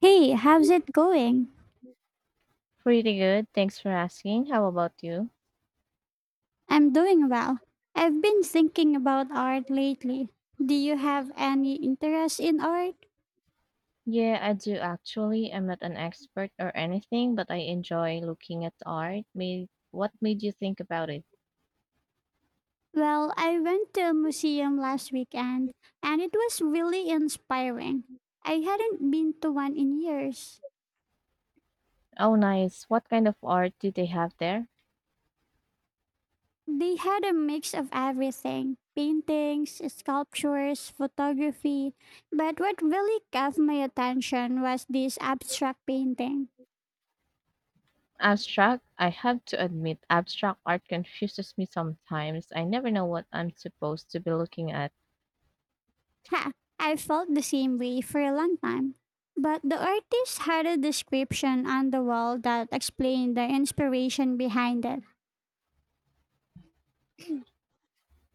Hey, how's it going? Pretty good, thanks for asking. How about you? I'm doing well. I've been thinking about art lately. Do you have any interest in art? Yeah, I do actually. I'm not an expert or anything, but I enjoy looking at art. What made you think about it? Well, I went to a museum last weekend and it was really inspiring. I hadn't been to one in years. Oh, nice. What kind of art do they have there? They had a mix of everything: paintings, sculptures, photography. But what really caught my attention was this abstract painting. Abstract? I have to admit, abstract art confuses me sometimes. I never know what I'm supposed to be looking at. Ha, I felt the same way for a long time. But the artist had a description on the wall that explained the inspiration behind it.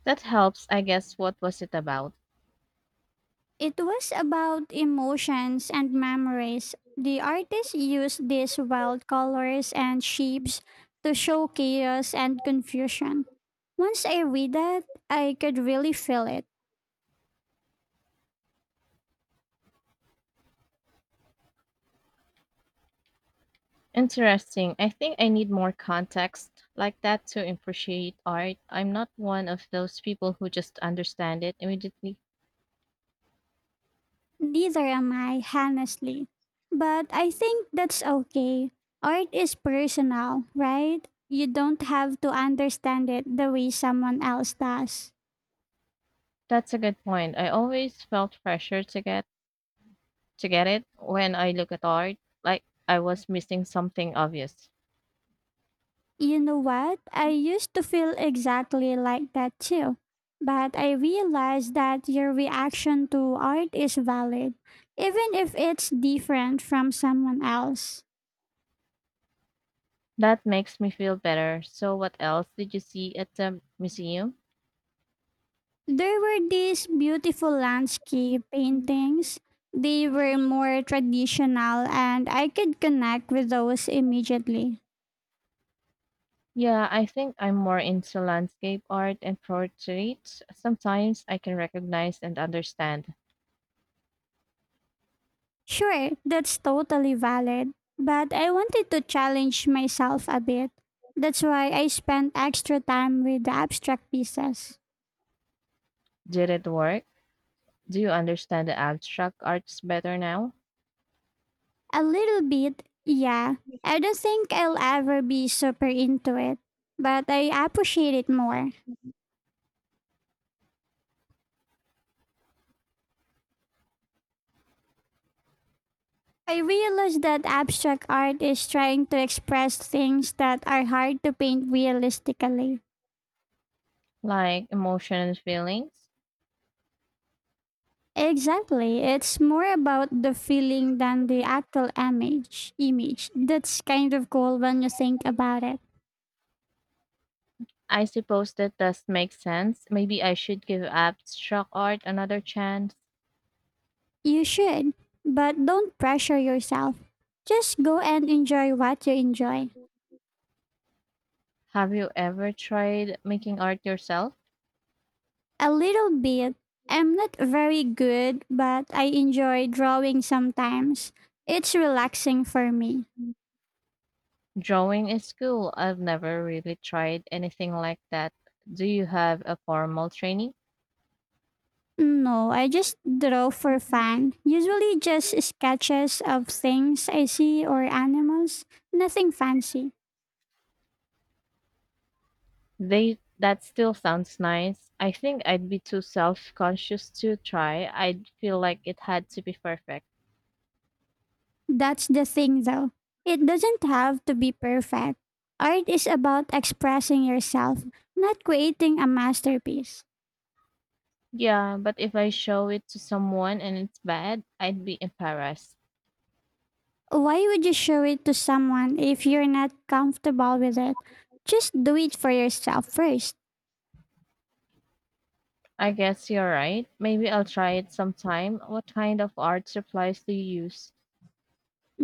That helps, I guess. What was it about? It was about emotions and memories. The artist used these wild colors and shapes to show chaos and confusion. Once I read that, I could really feel it. Interesting. I think I need more context like that to appreciate art. I'm not one of those people who just understand it immediately. Neither am I, honestly. But I think that's okay. Art is personal, right? You don't have to understand it the way someone else does. That's a good point. I always felt pressure to get it when I look at art, like I was missing something obvious. You know what? I used to feel exactly like that too. But I realized that your reaction to art is valid, even if it's different from someone else. That makes me feel better. So what else did you see at the museum? There were these beautiful landscape Mm. paintings. They were more traditional and I could connect with those immediately. Yeah, I think I'm more into landscape art and portraits. Sometimes I can recognize and understand. Sure, that's totally valid, but I wanted to challenge myself a bit. That's why I spent extra time with the abstract pieces. Did it work? Do you understand the abstract arts better now? A little bit, yeah. I don't think I'll ever be super into it, but I appreciate it more. I realized that abstract art is trying to express things that are hard to paint realistically. Like emotion and feelings? Exactly. It's more about the feeling than the actual image. That's kind of cool when you think about it. I suppose that does make sense. Maybe I should give abstract art another chance. You should, but don't pressure yourself. Just go and enjoy what you enjoy. Have you ever tried making art yourself? A little bit. I'm not very good, but I enjoy drawing sometimes. It's relaxing for me. Drawing is cool. I've never really tried anything like that. Do you have a formal training? No, I just draw for fun. Usually just sketches of things I see or animals. Nothing fancy. They That still sounds nice. I think I'd be too self-conscious to try. I'd feel like it had to be perfect. That's the thing though. It doesn't have to be perfect. Art is about expressing yourself, not creating a masterpiece. Yeah, but if I show it to someone and it's bad, I'd be embarrassed. Why would you show it to someone if you're not comfortable with it? Just do it for yourself first. I guess you're right. Maybe I'll try it sometime. What kind of art supplies do you use?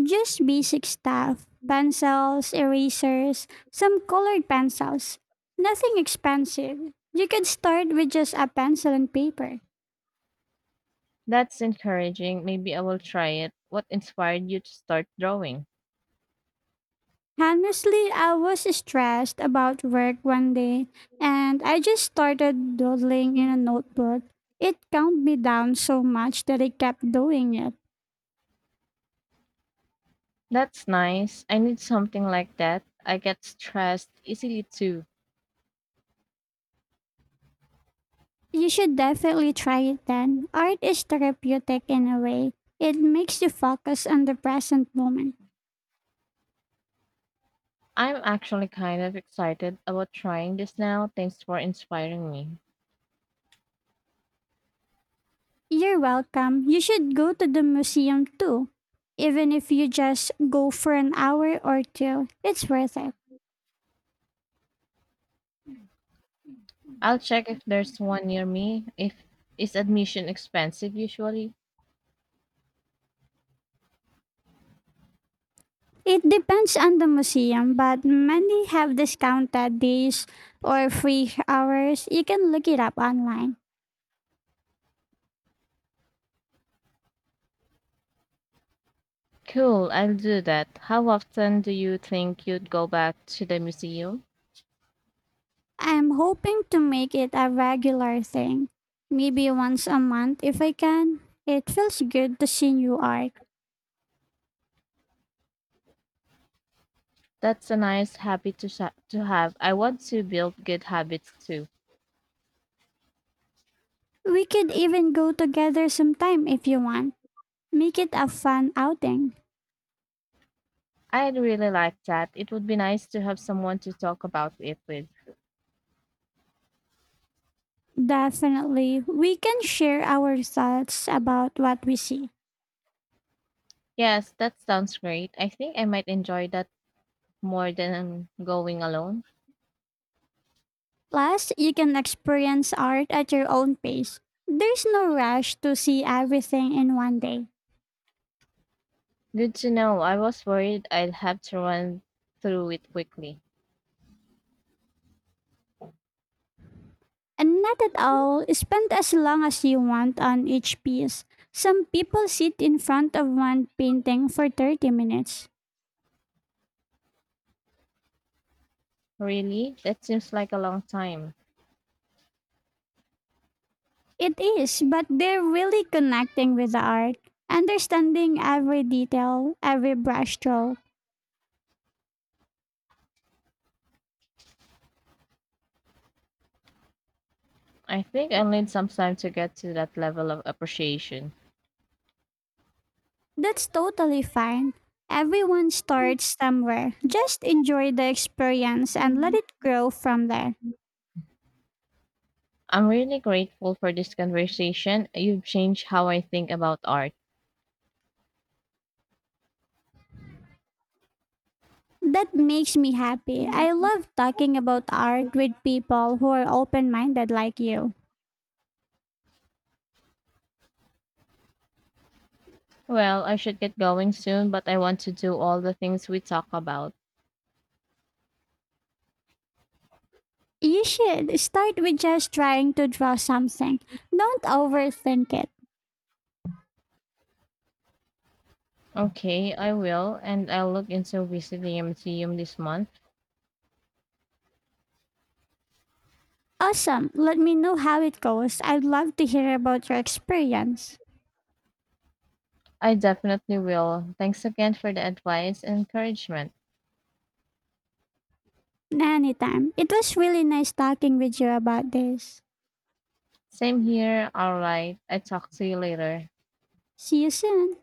Just basic stuff: pencils, erasers, some colored pencils. Nothing expensive. You could start with just a pencil and paper. That's encouraging. Maybe I will try it. What inspired you to start drawing? Honestly, I was stressed about work one day and I just started doodling in a notebook. It calmed me down so much that I kept doing it. That's nice. I need something like that. I get stressed easily too. You should definitely try it then. Art is therapeutic in a way. It makes you focus on the present moment. I'm actually kind of excited about trying this now. Thanks for inspiring me. You're welcome. You should go to the museum too. Even if you just go for an hour or two, it's worth it. I'll check if there's one near me. If Is admission expensive usually? It depends on the museum, but many have discounted days or free hours. You can look it up online. Cool, I'll do that. How often do you think you'd go back to the museum? I'm hoping to make it a regular thing, maybe once a month if I can. It feels good to see new art. That's a nice habit to sha to have. I want to build good habits too. We could even go together sometime if you want. Make it a fun outing. I'd really like that. It would be nice to have someone to talk about it with. Definitely. We can share our thoughts about what we see. Yes, that sounds great. I think I might enjoy that more than going alone. Plus, you can experience art at your own pace. There's no rush to see everything in one day. Good to know. I was worried I'd have to run through it quickly. And not at all, spend as long as you want on each piece. Some people sit in front of one painting for 30 minutes. Really? That seems like a long time. It is, but they're really connecting with the art, understanding every detail, every brushstroke. I think I'll need some time to get to that level of appreciation. That's totally fine. Everyone starts somewhere. Just enjoy the experience and let it grow from there. I'm really grateful for this conversation. You've changed how I think about art. That makes me happy. I love talking about art with people who are open minded like you. Well, I should get going soon, but I want to do all the things we talk about. You should start with just trying to draw something. Don't overthink it. Okay, I will, and I'll look into visiting a museum this month. Awesome. Let me know how it goes. I'd love to hear about your experience. I definitely will. Thanks again for the advice and encouragement. Anytime. It was really nice talking with you about this. Same here. All right. I talk to you later. See you soon.